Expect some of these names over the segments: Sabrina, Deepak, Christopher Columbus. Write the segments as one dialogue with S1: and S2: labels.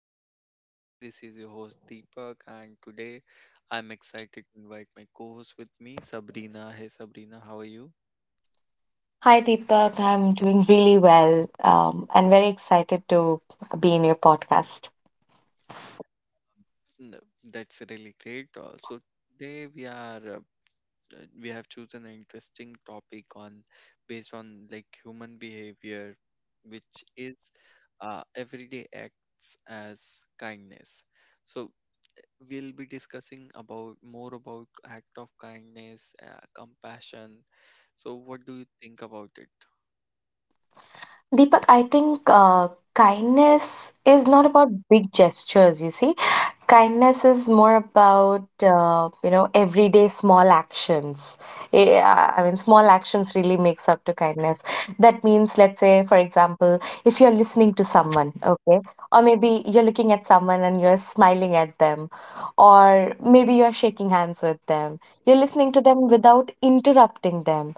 S1: Vibe with me. This is your host Deepak, and today I'm excited to invite my co-host with me, Sabrina. Hey Sabrina, how are you?
S2: Hi Deepak, I'm doing really well and very excited to be in your podcast.
S1: N- That's really great. So today we have chosen an interesting topic on based on like human behavior, which is everyday acts as kindness. So we'll be discussing about more about act of kindness, compassion. So what do you think about it?
S2: Deepak, I think kindness is not about big gestures, you see. Kindness is more about, you know, everyday small actions. I mean, small actions really makes up to kindness. That means, let's say, for example, if you're listening to someone, okay, or maybe you're looking at someone and you're smiling at them, or maybe you're shaking hands with them. You're listening to them without interrupting them.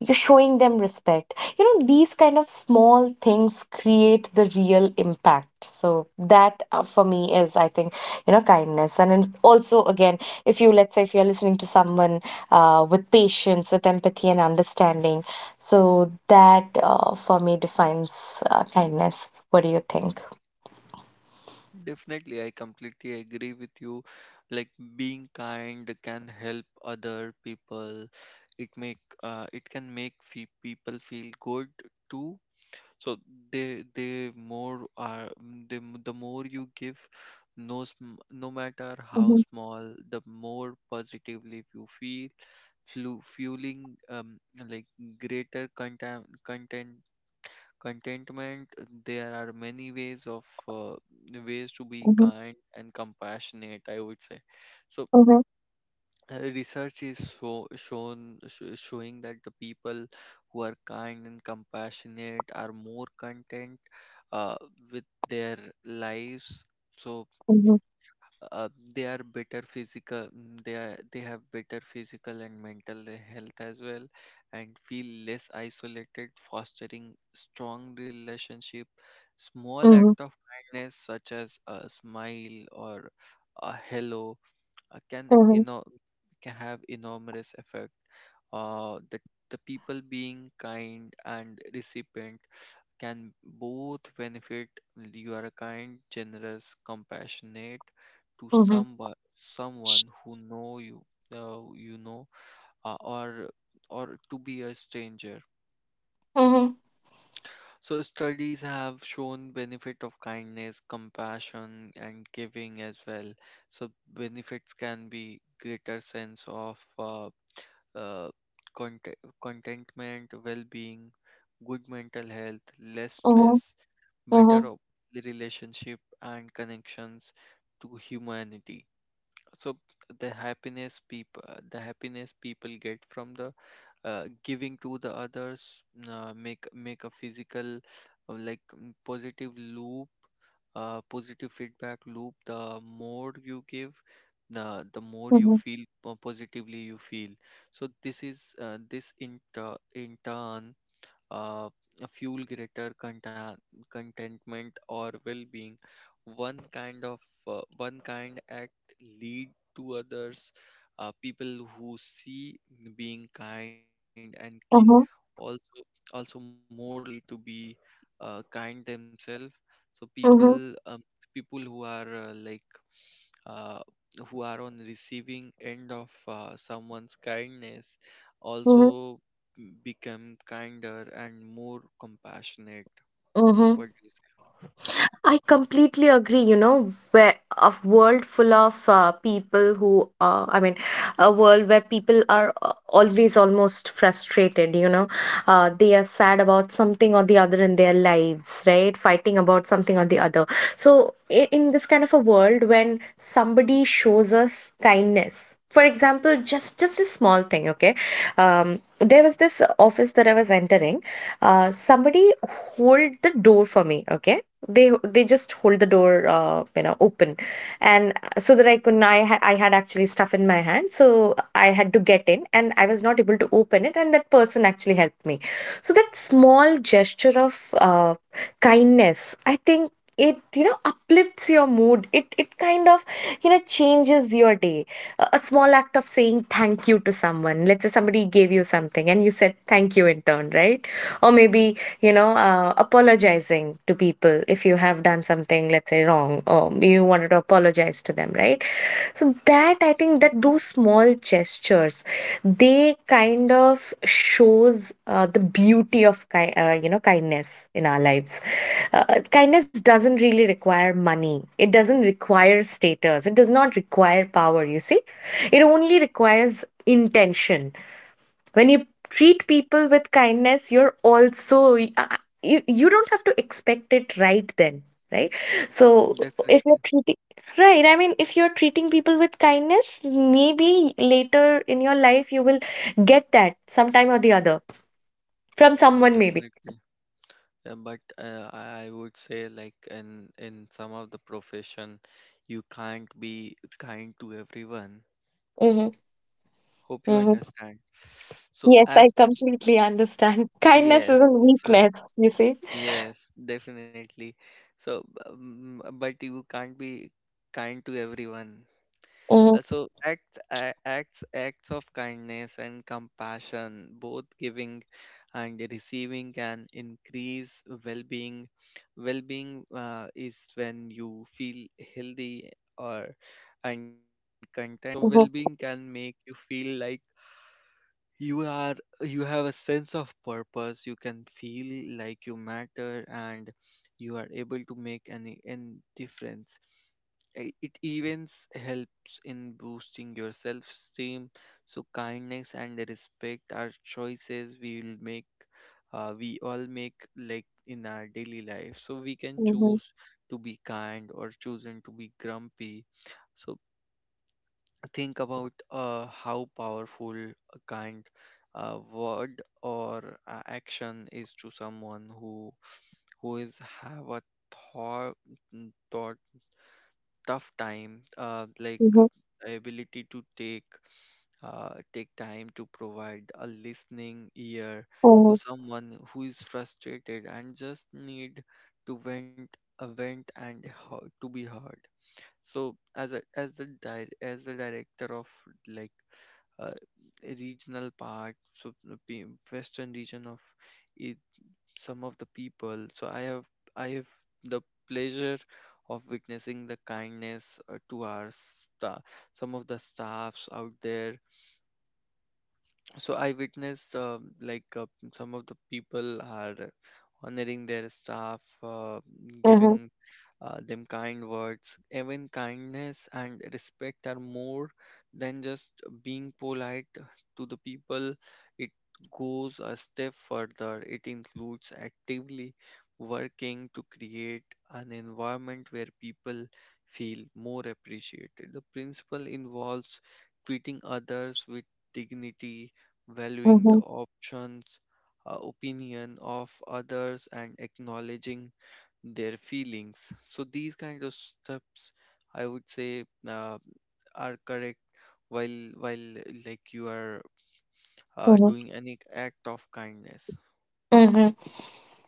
S2: You're showing them respect. You know, these kind of small things create the real impact. So that for me is, I think, you know, kindness. And also, again, if you, let's say, if you're listening to someone with patience, with empathy and understanding, so that for me defines kindness. What do you think?
S1: Definitely, I completely agree with you. Like, being kind can help other people. It can make people feel good too. So they more are the the more you give, no no matter how
S2: Mhm,
S1: small, the more positively you feel, fueling like greater content contentment. There are many ways of ways to be
S2: mhm,
S1: kind and compassionate, I would say. So
S2: mhm,
S1: research is so shown showing that the people who are kind and compassionate are more content uh, with their lives. So
S2: mhm,
S1: uh, they are better physical they are, they have better physical and mental health as well, and feel less isolated, fostering strong relationship. Small
S2: mhm,
S1: act of kindness such as a smile or a hello can
S2: mhm,
S1: can have enormous effect. Uh, the the people being kind and recipient can both benefit. You are kind, generous, compassionate to
S2: mhm,
S1: somebody, someone who know you, you know uh, or or to be a stranger.
S2: Mm-hmm.
S1: So studies have shown benefit of kindness, compassion, and giving as well. So benefits can be greater sense of uh, content, contentment, well-being, good mental health, less
S2: mhm,
S1: stress,
S2: Mm-hmm.
S1: better relationship and connections to humanity. So the happiness people the happiness people get from the giving to the others make a physical positive loop, positive feedback loop. The more you give, the more you
S2: mhm,
S1: feel, positively you feel. So this is this in in turn uh, fuel greater content, contentment, or well-being. One kind of one kind act lead to others. People who see being kind and caring
S2: mhm,
S1: also also more likely to be kind themselves. So
S2: mhm,
S1: people
S2: mhm.
S1: people who are uh, who are on receiving end of someone's kindness
S2: mhm,
S1: also become kinder and more compassionate. What
S2: mhm,
S1: do you
S2: I completely agree. You know, where a world full of people who, I mean, a world where people are always almost frustrated. You know, they are sad about something or the other in their lives, right? Fighting about something or the other. So, in this kind of a world, when somebody shows us kindness. For example, just a small thing, okay? Um, there was this office that I was entering. Somebody hold the door for me, okay? They just hold the door you know, open, and so that I couldn't I, ha- I had actually stuff in my hand, so I had to get in and I was not able to open it, and that person actually helped me. So that small gesture of kindness, I think, it uplifts your mood. It kind of, you know, changes your day. A small act of saying thank you to someone, let's say somebody gave you something and you said thank you in turn, right? Or maybe, you know, apologizing to people if you have done something, let's say, wrong, or you wanted to apologize to them, right? So that I think that those small gestures, they kind of shows the beauty of you know, kindness in our lives. uh, Kindness doesn't really require money, it doesn't require status, it does not require power, you see. It only requires intention. When you treat people with kindness, you're also you don't have to expect it right then, right? So
S1: say?
S2: if you're
S1: Definitely.
S2: treating, right, I mean, if you're treating people with kindness, maybe later in your life you will get that sometime or the other from someone, maybe.
S1: Definitely. But I would say, like, in some of the profession you can't be kind to everyone.
S2: Mm-hmm.
S1: Hope you
S2: mm-hmm.
S1: understand. So
S2: Yes, I
S1: act.
S2: completely understand. Kindness
S1: Yes.
S2: isn't weakness, you see.
S1: Yes, definitely. So, but you can't be kind to everyone.
S2: mm-hmm,
S1: Acts acts of kindness and compassion, both giving and receiving, can increase well-being. Well-being is when you feel healthy or and content. So well-being
S2: mm-hmm,
S1: can make you feel like you are, you have a sense of purpose, you can feel like you matter, and you are able to make any difference. It even helps in boosting your self-esteem. So kindness and respect are choices we will make, we all make, like, in our daily life. So we can
S2: mm-hmm,
S1: choose to be kind or chosen to be grumpy. So think about how powerful a kind word or action is to someone who is have a thought, mm, thought tough time
S2: mm-hmm,
S1: ability to take take time to provide a listening ear to someone who is frustrated and just need to vent, a vent and to be heard. So as a as the as the director of like uh, regional park, so the western region of it, some of the people. So I have the pleasure of witnessing the kindness to our some of the staffs out there. So I witnessed like uh, some of the people are honoring their staff,
S2: mm-hmm,
S1: giving them kind words. Even kindness and respect are more than just being polite to the people. It goes a step further. It includes actively working to create an environment where people feel more appreciated. The principle involves treating others with dignity, valuing the
S2: mm-hmm,
S1: options, opinion of others, and acknowledging their feelings. So these kind of steps, I would say, are correct while like you are
S2: mm-hmm.
S1: doing any act of kindness.
S2: mm-hmm.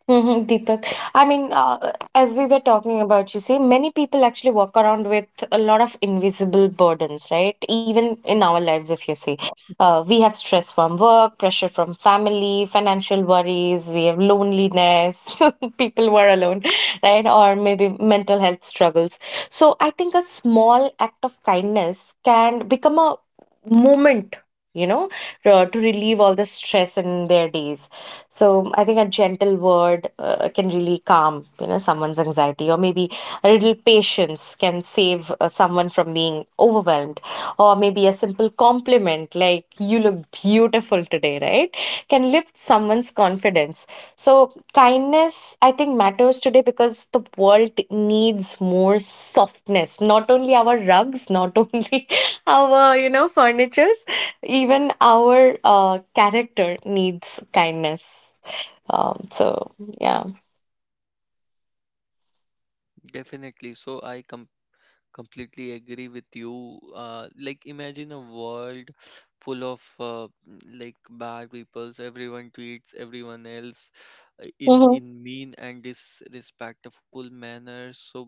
S2: Hmm. Deepak, I mean, as we were talking about, you see, many people actually walk around with a lot of invisible burdens, right? Even in our lives, if you see, we have stress from work, pressure from family, financial worries, we have loneliness, people who are alone, right? Or maybe mental health struggles. So I think a small act of kindness can become a moment, you know, to relieve all the stress in their days. So I think a gentle word can really calm, you know, someone's anxiety, or maybe a little patience can save someone from being overwhelmed, or maybe a simple compliment like "You look beautiful today," right, can lift someone's confidence. So kindness, I think, matters today because the world needs more softness. Not only our rugs, not only our, you know, furnitures, even our character needs kindness. Um, so, yeah.
S1: Definitely. So I completely Completely agree with you. Like, imagine a world full of bad peoples. Everyone treats everyone else
S2: Mhm,
S1: in mean and disrespectful manners. So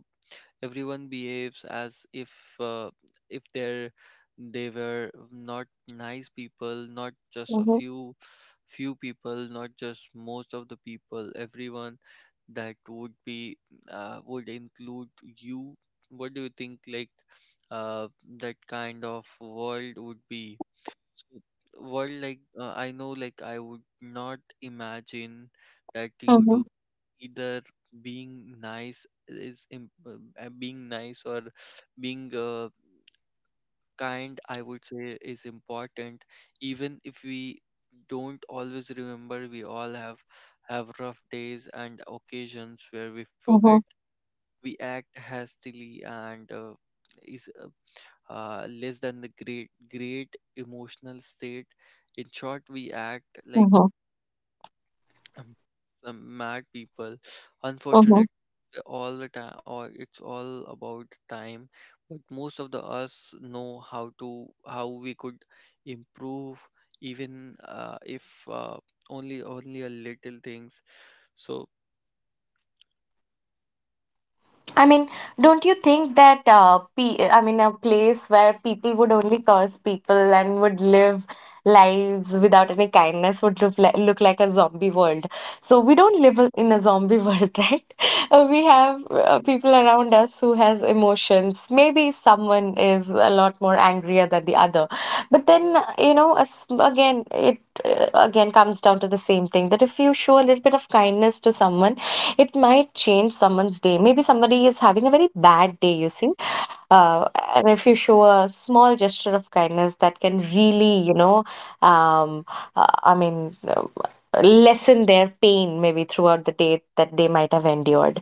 S1: everyone behaves as uh, if they're they were not nice people, not just a
S2: mhm,
S1: few people, not just most of the people, everyone. That would be would include you. What do you think, like, uh, that kind of world would be? So, what like I know, like, I would not imagine that you
S2: mhm,
S1: do either. Being nice is being nice or being kind, I would say, is important, even if we don't always remember. We all have rough days and occasions where we forget.
S2: mhm,
S1: We act hastily and is less than the great emotional state. In short, we act like
S2: mhm,
S1: um, some mad people.
S2: mhm.
S1: Unfortunate all the time, or it's all about time. But most of the us know how to how we could improve, even if uh, only a little things. So
S2: I mean, don't you think that pe I mean, a place where people would only curse people and would live lives without any kindness would look like a zombie world. So we don't live in a zombie world, right? We have
S1: definitely,
S2: people around us who has emotions. Maybe someone is a lot more angrier than the other, but then you know, again, it again comes down to the same thing that if you show a little bit of kindness to someone, it might change someone's day. Maybe somebody is having a very bad day, you see, uh, and if you show a small gesture of kindness, that can really, you know, um, I mean, lessen their pain maybe throughout the day that they might have endured.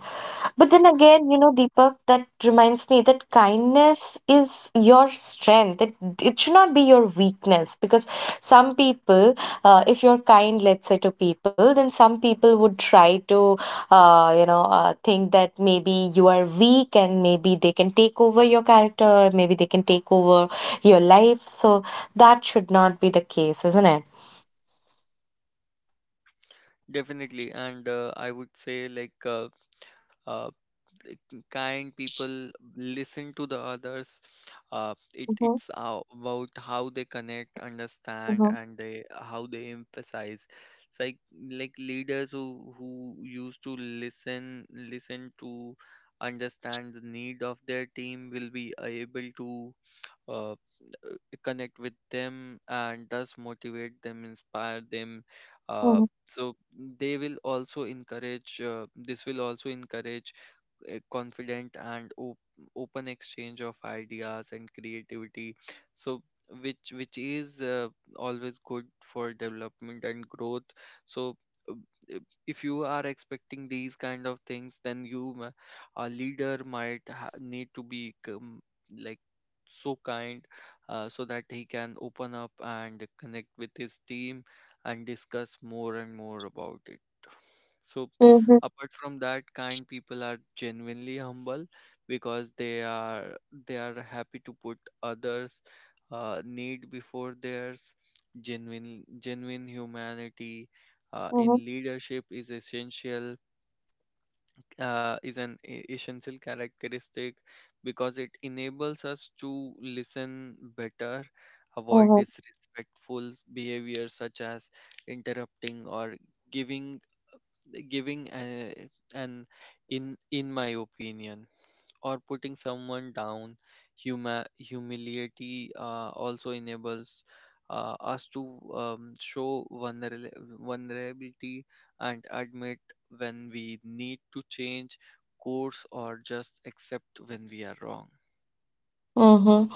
S2: But then again, you know, Deepak, that reminds me that kindness is your strength. It should not be your weakness because some people, if you're kind, let's say, to people, then some people would try to, you know, think that maybe you are weak and maybe they can take over your character, or maybe they can take over your life. So that should not be the case, isn't it?
S1: and I would say like. Uh, like, Kind people listen to the others. uh, it
S2: Mm-hmm,
S1: it's uh, about how they connect, understand,
S2: mm-hmm,
S1: and they how they emphasize. It's like leaders who used to listen to understand the need of their team will be able to uh, connect with them and thus motivate them, inspire them. Uh,
S2: mm-hmm,
S1: so they will also encourage, this will also encourage a confident and open exchange of ideas and creativity. So which is always good for development and growth. So uh, if if you are expecting these kind of things, then a leader might need to be like so kind so that he can open up and connect with his team and discuss more and more about it. So,
S2: mm-hmm,
S1: apart from that, kind people are genuinely humble because they are happy to put others' need before theirs. Genuine humanity in leadership is essential, is an essential characteristic because it enables us to listen better, avoid
S2: mm-hmm.
S1: disrespectful behavior such as interrupting or giving giving an in my opinion or putting someone down. Humility also enables us to show vulnerability and admit when we need to change course or just accept when we are wrong.
S2: Mm-hmm.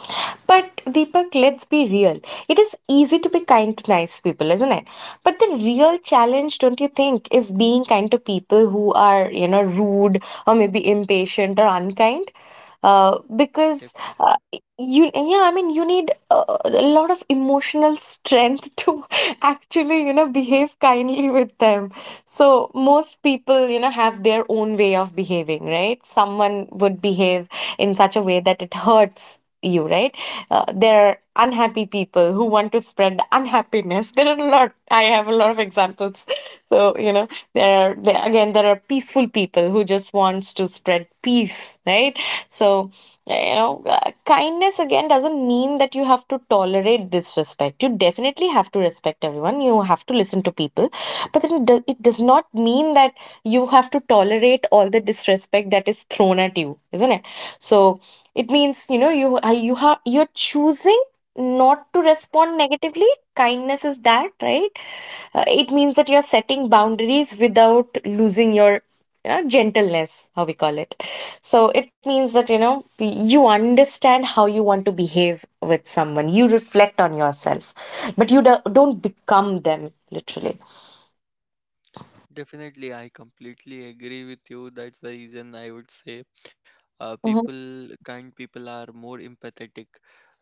S2: But Deepak, let's be real. It is easy to be kind to nice people, isn't it? But the real challenge, don't you think, is being kind to people who are, you know, rude or maybe impatient or unkind. Uh, because
S1: Definitely.
S2: uh, yeah, I mean, you need a lot of emotional strength to actually, you know, behave kindly with them. So most people, you know, have their own way of behaving, right? Someone would behave in such a way that it hurts you, right? There are unhappy people who want to spread unhappiness. There are a lot. I have a lot of examples. So, you know, again, there are peaceful people who just wants to spread peace, right? So, you know, kindness again doesn't mean that you have to tolerate disrespect. You definitely have to respect everyone. You have to listen to people, but then it does not mean that you have to tolerate all the disrespect that is thrown at you, isn't it? So. It means, you know, you are you have you're choosing not to respond negatively. Kindness is that, right? It means that you're setting boundaries without losing your, you know, gentleness, how we call it. So it means that, you know, you understand how you want to behave with someone. You reflect on yourself, but don't become them, literally.
S1: Definitely, I completely agree with you. That's the reason I would say
S2: Mm-hmm,
S1: people kind people are more empathetic.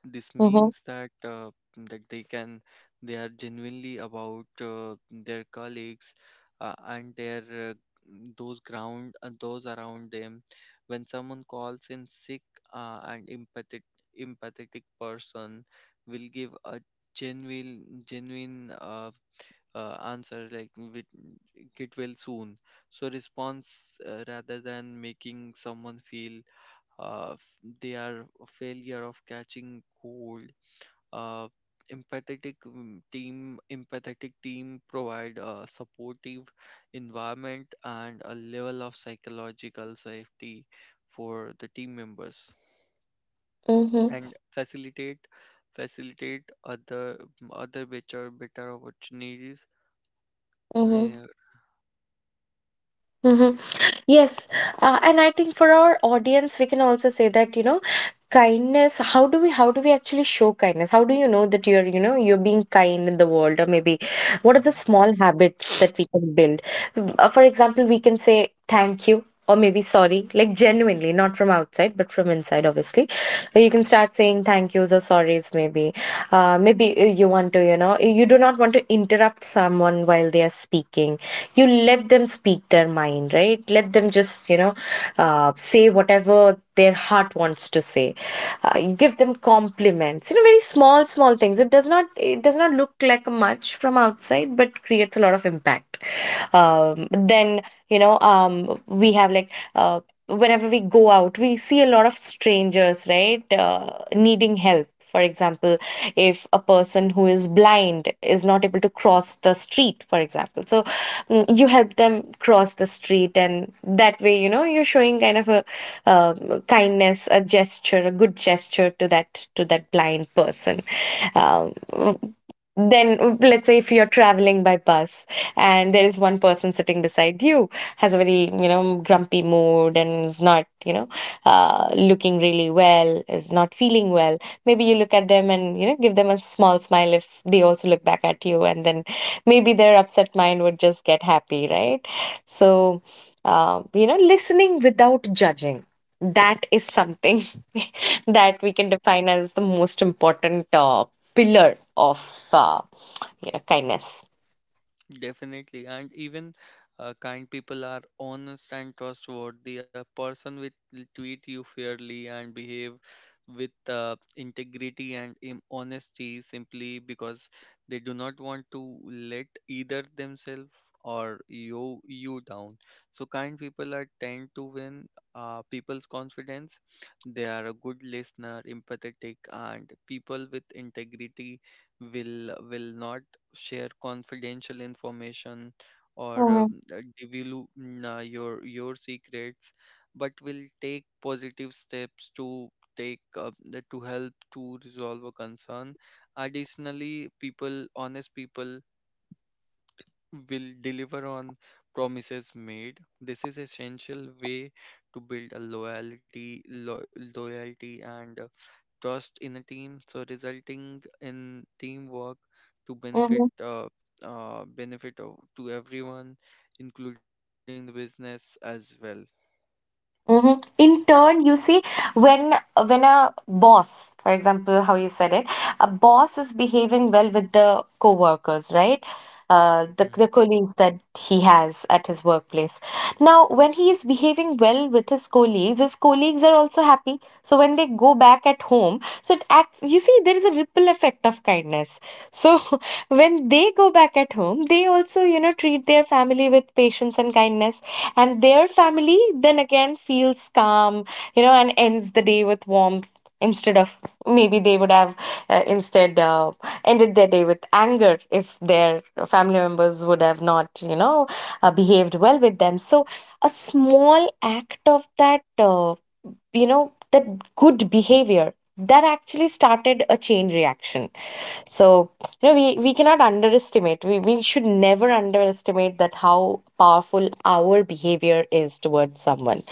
S1: This
S2: mm-hmm,
S1: means that that they can they are genuinely about their colleagues and their uh, those ground those around them. When someone calls in sick, and empathetic person will give a genuine answer like, Get well soon," so response, rather than making someone feel they are a failure of catching cold. uh, Empathetic team provide a supportive environment and a level of psychological safety for the team members
S2: mm-hmm,
S1: and facilitate other better opportunities.
S2: mm-hmm.
S1: Yeah.
S2: hmm Yes, and I think for our audience, we can also say that, you know, kindness, how do we actually show kindness? How do you know that you're, you know, you're being kind in the world, or maybe what are the small habits that we can build? For example, we can say thank you. Or maybe sorry, like genuinely, not from outside, but from inside, obviously. You can start saying thank yous or sorries, maybe. You want to, you know, you do not want to interrupt someone while they are speaking. You let them speak their mind, right? Let them just, you know, say whatever their heart wants to say. Give them compliments, you know, very small things. It does not it does not look like much from outside but creates a lot of impact. Um, then you know we have like Whenever we go out, we see a lot of strangers, right, needing help. For example, if a person who is blind is not able to cross the street, for example, so you help them cross the street, and that way, you know, you're showing kind of a kindness, a gesture, a good gesture to that blind person. Um, then, let's say if you're traveling by bus and there is one person sitting beside you, has a very, you know, grumpy mood and is not, you know, looking really well, is not feeling well. Maybe you look at them and, you know, give them a small smile. If they also look back at you, and then maybe their upset mind would just get happy, right? So, you know, listening without judging. That is something that we can define as the most important pillar of you know, kindness.
S1: Definitely, and even kind people are honest and trustworthy. A person with will treat you fairly and behave with integrity and honesty simply because they do not want to let either themselves or you down. So kind people are tend to win people's confidence. They are a good listener, empathetic, and people with integrity will not share confidential information or divulge your secrets, but will take positive steps to take to help to resolve a concern. Additionally, people, honest people, will deliver on promises made. This is essential way to build a loyalty, loyalty and trust in a team, so resulting in teamwork to benefit benefit of, to everyone, including the business as well.
S2: Hmm. In turn, you see, when when a boss, for example, how you said it, a boss is behaving well with the coworkers, right? The
S1: Mm-hmm.
S2: the colleagues that he has at his workplace. Now, when he is behaving well with his colleagues are also happy. So when they go back at home, so it acts. You see, there is a ripple effect of kindness. So when they go back at home, they also, you know, treat their family with patience and kindness. And their family then again feels calm, you know, and ends the day with warmth instead of maybe they would have instead ended their day with anger if their family members would have not, you know, behaved well with them. So a small act of that. You know that good behavior that actually started a chain reaction. So you know, we cannot underestimate, we should never underestimate that how powerful our behavior is towards someone.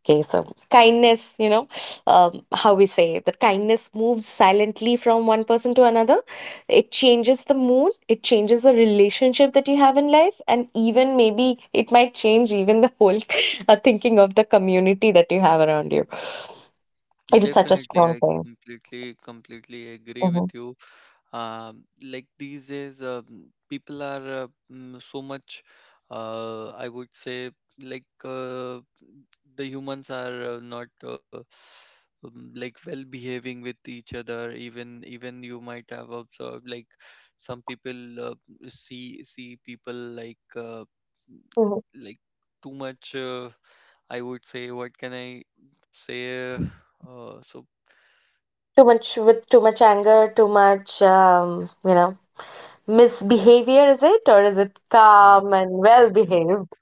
S2: Okay, so kindness, you know, how we say that kindness moves silently from one person to another. It changes the mood, it changes the relationship that you have in life, and even maybe it might change even the whole thinking of the community that you have around you. It is such a
S1: Definitely,
S2: strong
S1: I
S2: thing.
S1: completely agree with
S2: Hmm.
S1: you. Like, these days, people are so much, I would say, like the humans are not like well behaving with each other. Even you might have observed, like, some people see see people like
S2: Mhm.
S1: like too much. I would say, what can I say? Oh, so
S2: Too much with too much anger, too much, you know, misbehavior, is it? Or is it
S1: um,
S2: calm and well
S1: exactly,
S2: behaved?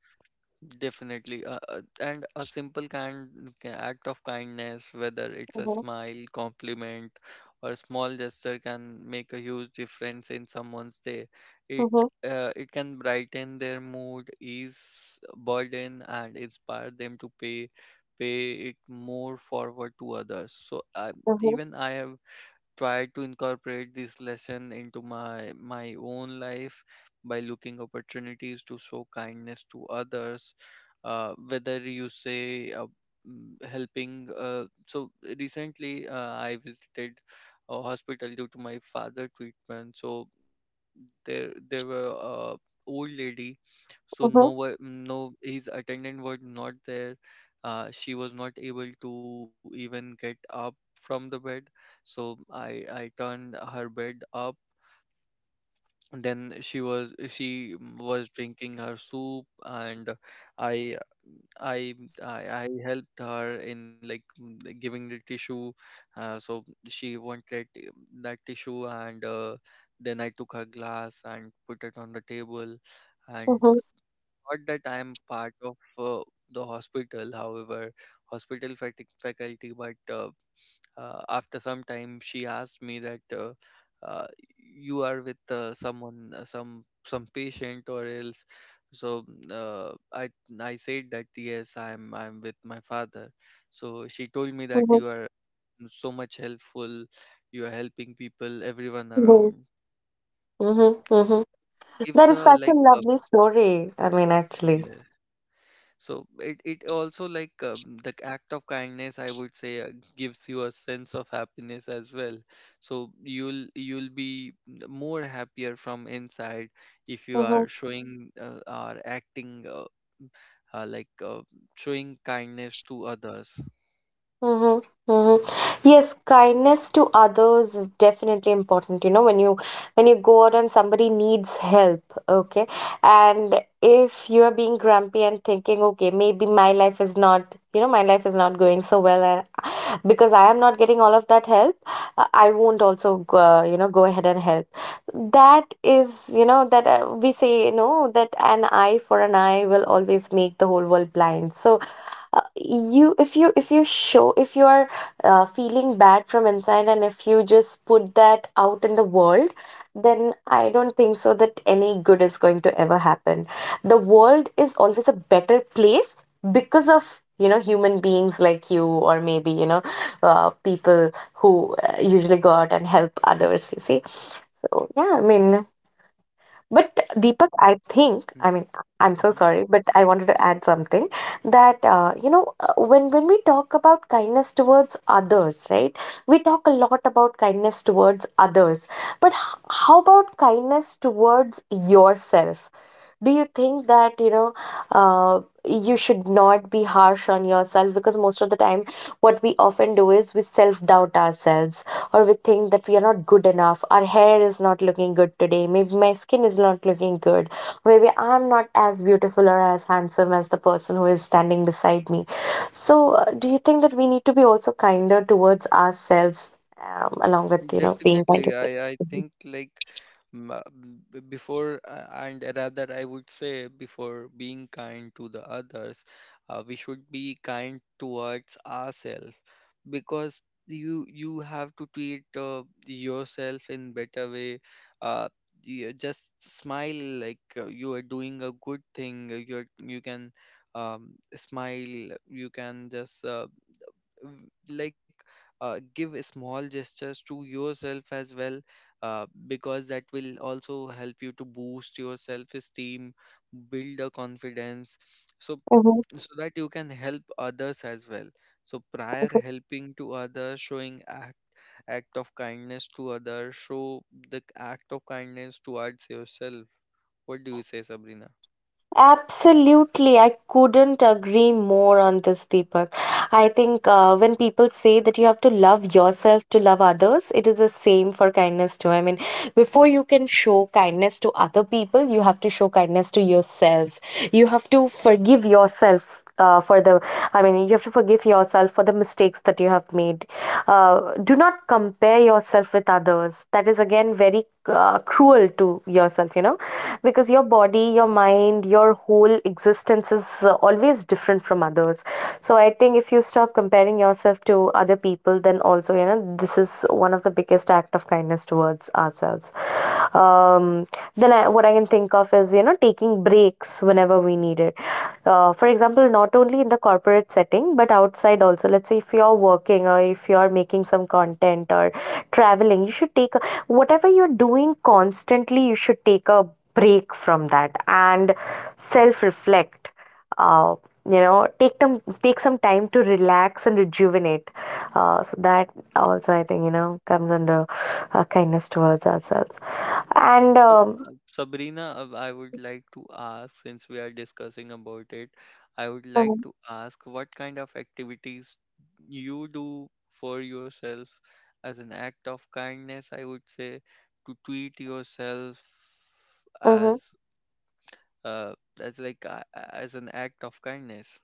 S1: definitely, and a simple act of kindness, whether it's a
S2: Hmm.
S1: smile, compliment, or a small gesture, can make a huge difference in someone's day. It
S2: Hmm.
S1: it can brighten their mood, ease burden, and inspire them to pay it more forward to others. So
S2: Hmm.
S1: even I have try to incorporate this lesson into my own life by looking opportunities to show kindness to others, whether you say mm, helping, so recently, I visited a hospital due to my father treatment. So there were a old lady. So no one,
S2: Hmm.
S1: no his attendant was not there. She was not able to even get up from the bed, so I turned her bed up. Then she was drinking her soup, and i I I I helped her in like, like giving the tissue. So she wanted that tissue, and then I took her glass and put it on the table. And not that I'm part of the hospital, however, hospital faculty, but after some time, she asked me that, uh, you are with, someone, some patient or else. So I said that yes, I'm with my father. So she told me that
S2: Hmm.
S1: you are so much helpful, you are helping people, everyone
S2: Hmm.
S1: around.
S2: Mm-hmm. Hmm. That
S1: Gives
S2: is
S1: a
S2: such a
S1: like
S2: lovely story, I mean, actually.
S1: a— So it also like, the act of kindness, I would say, gives you a sense of happiness as well. So you'll be more happier from inside if you are showing, or acting, uh, like uh, showing kindness to others.
S2: Mm-hmm, mm-hmm. Yes, kindness to others is definitely important. You know, when you go out and somebody needs help, okay, and if you are being grumpy and thinking, okay, maybe my life is not, you know, my life is not going so well, and because I am not getting all of that help, I won't also go, you know, go ahead and help. That is, you know, that we say, you know, that an eye for an eye will always make the whole world blind. So you if you if you show if you are feeling bad from inside, and if you just put that out in the world, then I don't think so that any good is going to ever happen. The world is always a better place because of, you know, human beings like you, or maybe, you know, people who usually go out and help others, you see. So yeah, I mean, but Deepak, I think, I mean, I'm so
S1: Mm-hmm.
S2: sorry, but I wanted to add something that, you know, when we talk about kindness towards others, right, we talk a lot about kindness towards others. But how about kindness towards yourself? Do you think that, you know, you should not be harsh on yourself? Because most of the time what we often do is we self doubt ourselves, or we think that we are not good enough, our hair is not looking good today, maybe my skin is not looking good, maybe I'm not as beautiful or as handsome as the person who is standing beside me. So do you think that we need to be also kinder towards ourselves, along with, you know, being kind
S1: Definitely,
S2: to
S1: I
S2: people?
S1: I think like, m- uh, before, and rather I would say, before being kind to the others, we should be kind towards ourselves, because you have to treat yourself in better way. Uh, you just smile like, you are doing a good thing. You're you can, smile. You can just, like, give small gestures to yourself as well, because that will also help you to boost your self esteem, build a confidence, so
S2: Mhm.
S1: so that you can help others as well. So prior helping to others, showing act, act of kindness to others, show the act of kindness towards yourself. What do you say, Sabrina?
S2: Absolutely, I couldn't agree more on this, Deepak. I think when people say that you have to love yourself to love others, it is the same for kindness too. I mean, before you can show kindness to other people, you have to show kindness to yourselves. You have to forgive yourself for the I mean, you have to forgive yourself for the mistakes that you have made. Do not compare yourself with others. That is again very cruel to yourself, you know, because your body, your mind, your whole existence is always different from others. So I think if you stop comparing yourself to other people, then also, you know, this is one of the biggest act of kindness towards ourselves. um, then I, what I can think of is, you know, taking breaks whenever we need it. For example, not only in the corporate setting but outside also, let's say if you're working or if you're making some content or traveling, you should take a, whatever you're doing constantly, you should take a break from that and self reflect. uh, you know, take them, take some time to relax and rejuvenate. So that also, I think, you know, comes under kindness towards ourselves. And
S1: So, Sabrina, I would like to ask, since we are discussing about it, I would like
S2: mm-hmm.
S1: to ask what kind of activities you do for yourself as an act of kindness, I would say, to treat yourself as, uh, as an act of kindness.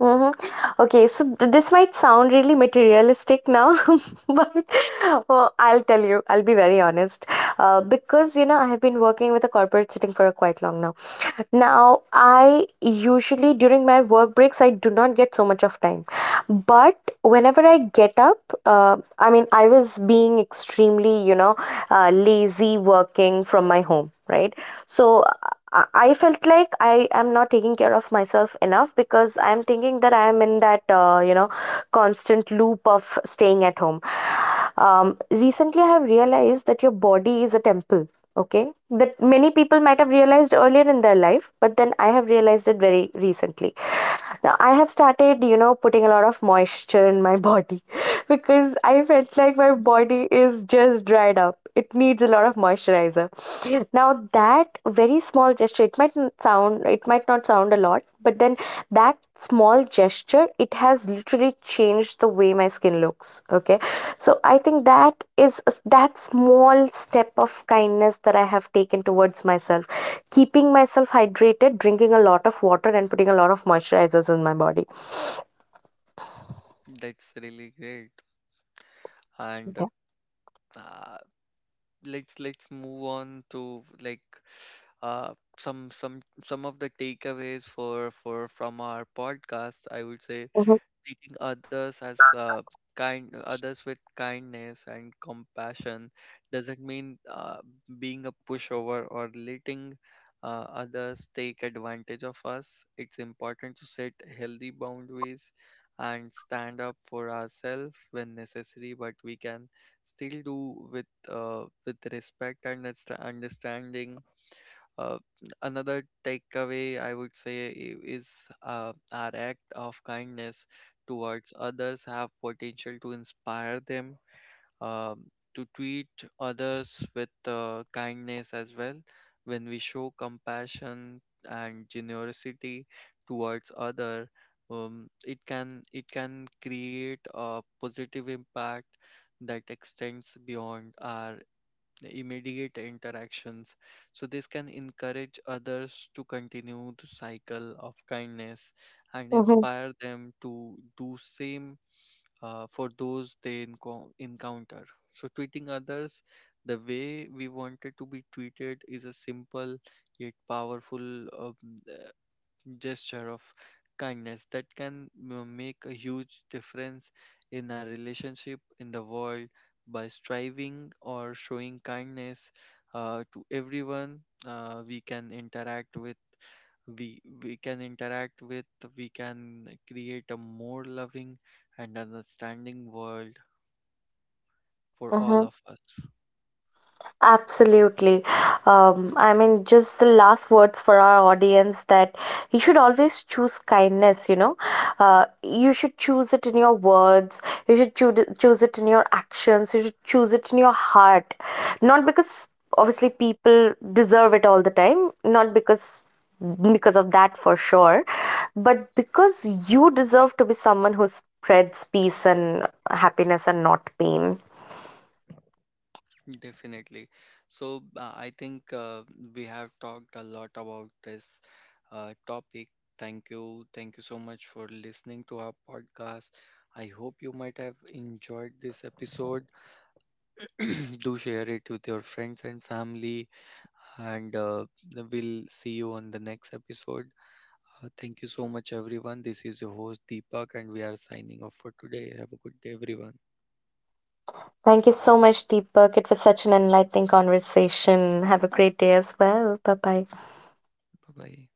S2: Mhm. Okay, so this might sound really materialistic now, but well, I'll tell you, I'll be very honest. Because, you know, I have been working with a corporate setting for a quite long now. Now, I usually during my work breaks, I do not get so much of time. But whenever I get up, I mean, I was being extremely, you know, lazy working from my home, right? So I felt like I am not taking care of myself enough because I'm thinking that I am in that, you know, constant loop of staying at home. Recently, I have realized that your body is a temple, okay? That many people might have realized earlier in their life, but then I have realized it very recently. Now, I have started, you know, putting a lot of moisture in my body because I felt like my
S1: Mhm.
S2: body is just dried up. It needs a lot of moisturizer. Now, that very small gesture, it might sound, it might not sound a lot, but then that small gesture, it has literally changed the way my skin looks. Okay. So I think that is that small step of kindness that I have taken towards myself, keeping myself hydrated, drinking a lot of water, and putting a lot of moisturizers in my body.
S1: That's really great. And
S2: Yeah.
S1: uh, let's move on to like, some of the takeaways for from our podcast. I would say
S2: Mm-hmm.
S1: treating others as, kind, others with kindness and compassion, doesn't mean, being a pushover or letting, others take advantage of us. It's important to set healthy boundaries and stand up for ourselves when necessary, but we can still do with, with respect and understanding. uh, Another takeaway I would say is, our act of kindness towards others have potential to inspire them, to treat others with, kindness as well. When we show compassion and generosity towards other, it can, it can create a positive impact that extends beyond our immediate interactions. So, this can encourage others to continue the cycle of kindness and
S2: Mm-hmm.
S1: inspire them to do same, for those they encounter. So, treating others the way we wanted to be treated is a simple yet powerful, gesture of kindness that can, make a huge difference in our relationship in the world, by striving or showing kindness, to everyone uh, we can interact with we can interact with, we can create a more loving and understanding world for all
S2: Mm-hmm.
S1: of us.
S2: Absolutely. I mean, just the last words for our audience that you should always choose kindness, you know. You should choose it in your words, you should choose it in your actions, you should choose it in your heart. Not because obviously people deserve it all the time, not because of that for sure, but because you deserve to be someone who spreads peace and happiness and not pain.
S1: Definitely. So I think we have talked a lot about this, topic. Thank you. Thank you so much for listening to our podcast. I hope you might have enjoyed this episode. Do share it with your friends and family. And we'll see you on the next episode. Thank you so much, everyone. This is your host, Deepak, and we are signing off for today. Have a good day, everyone.
S2: Thank you so much, Deepak. It was such an enlightening conversation. Have a great day as well. Bye bye.
S1: Bye bye.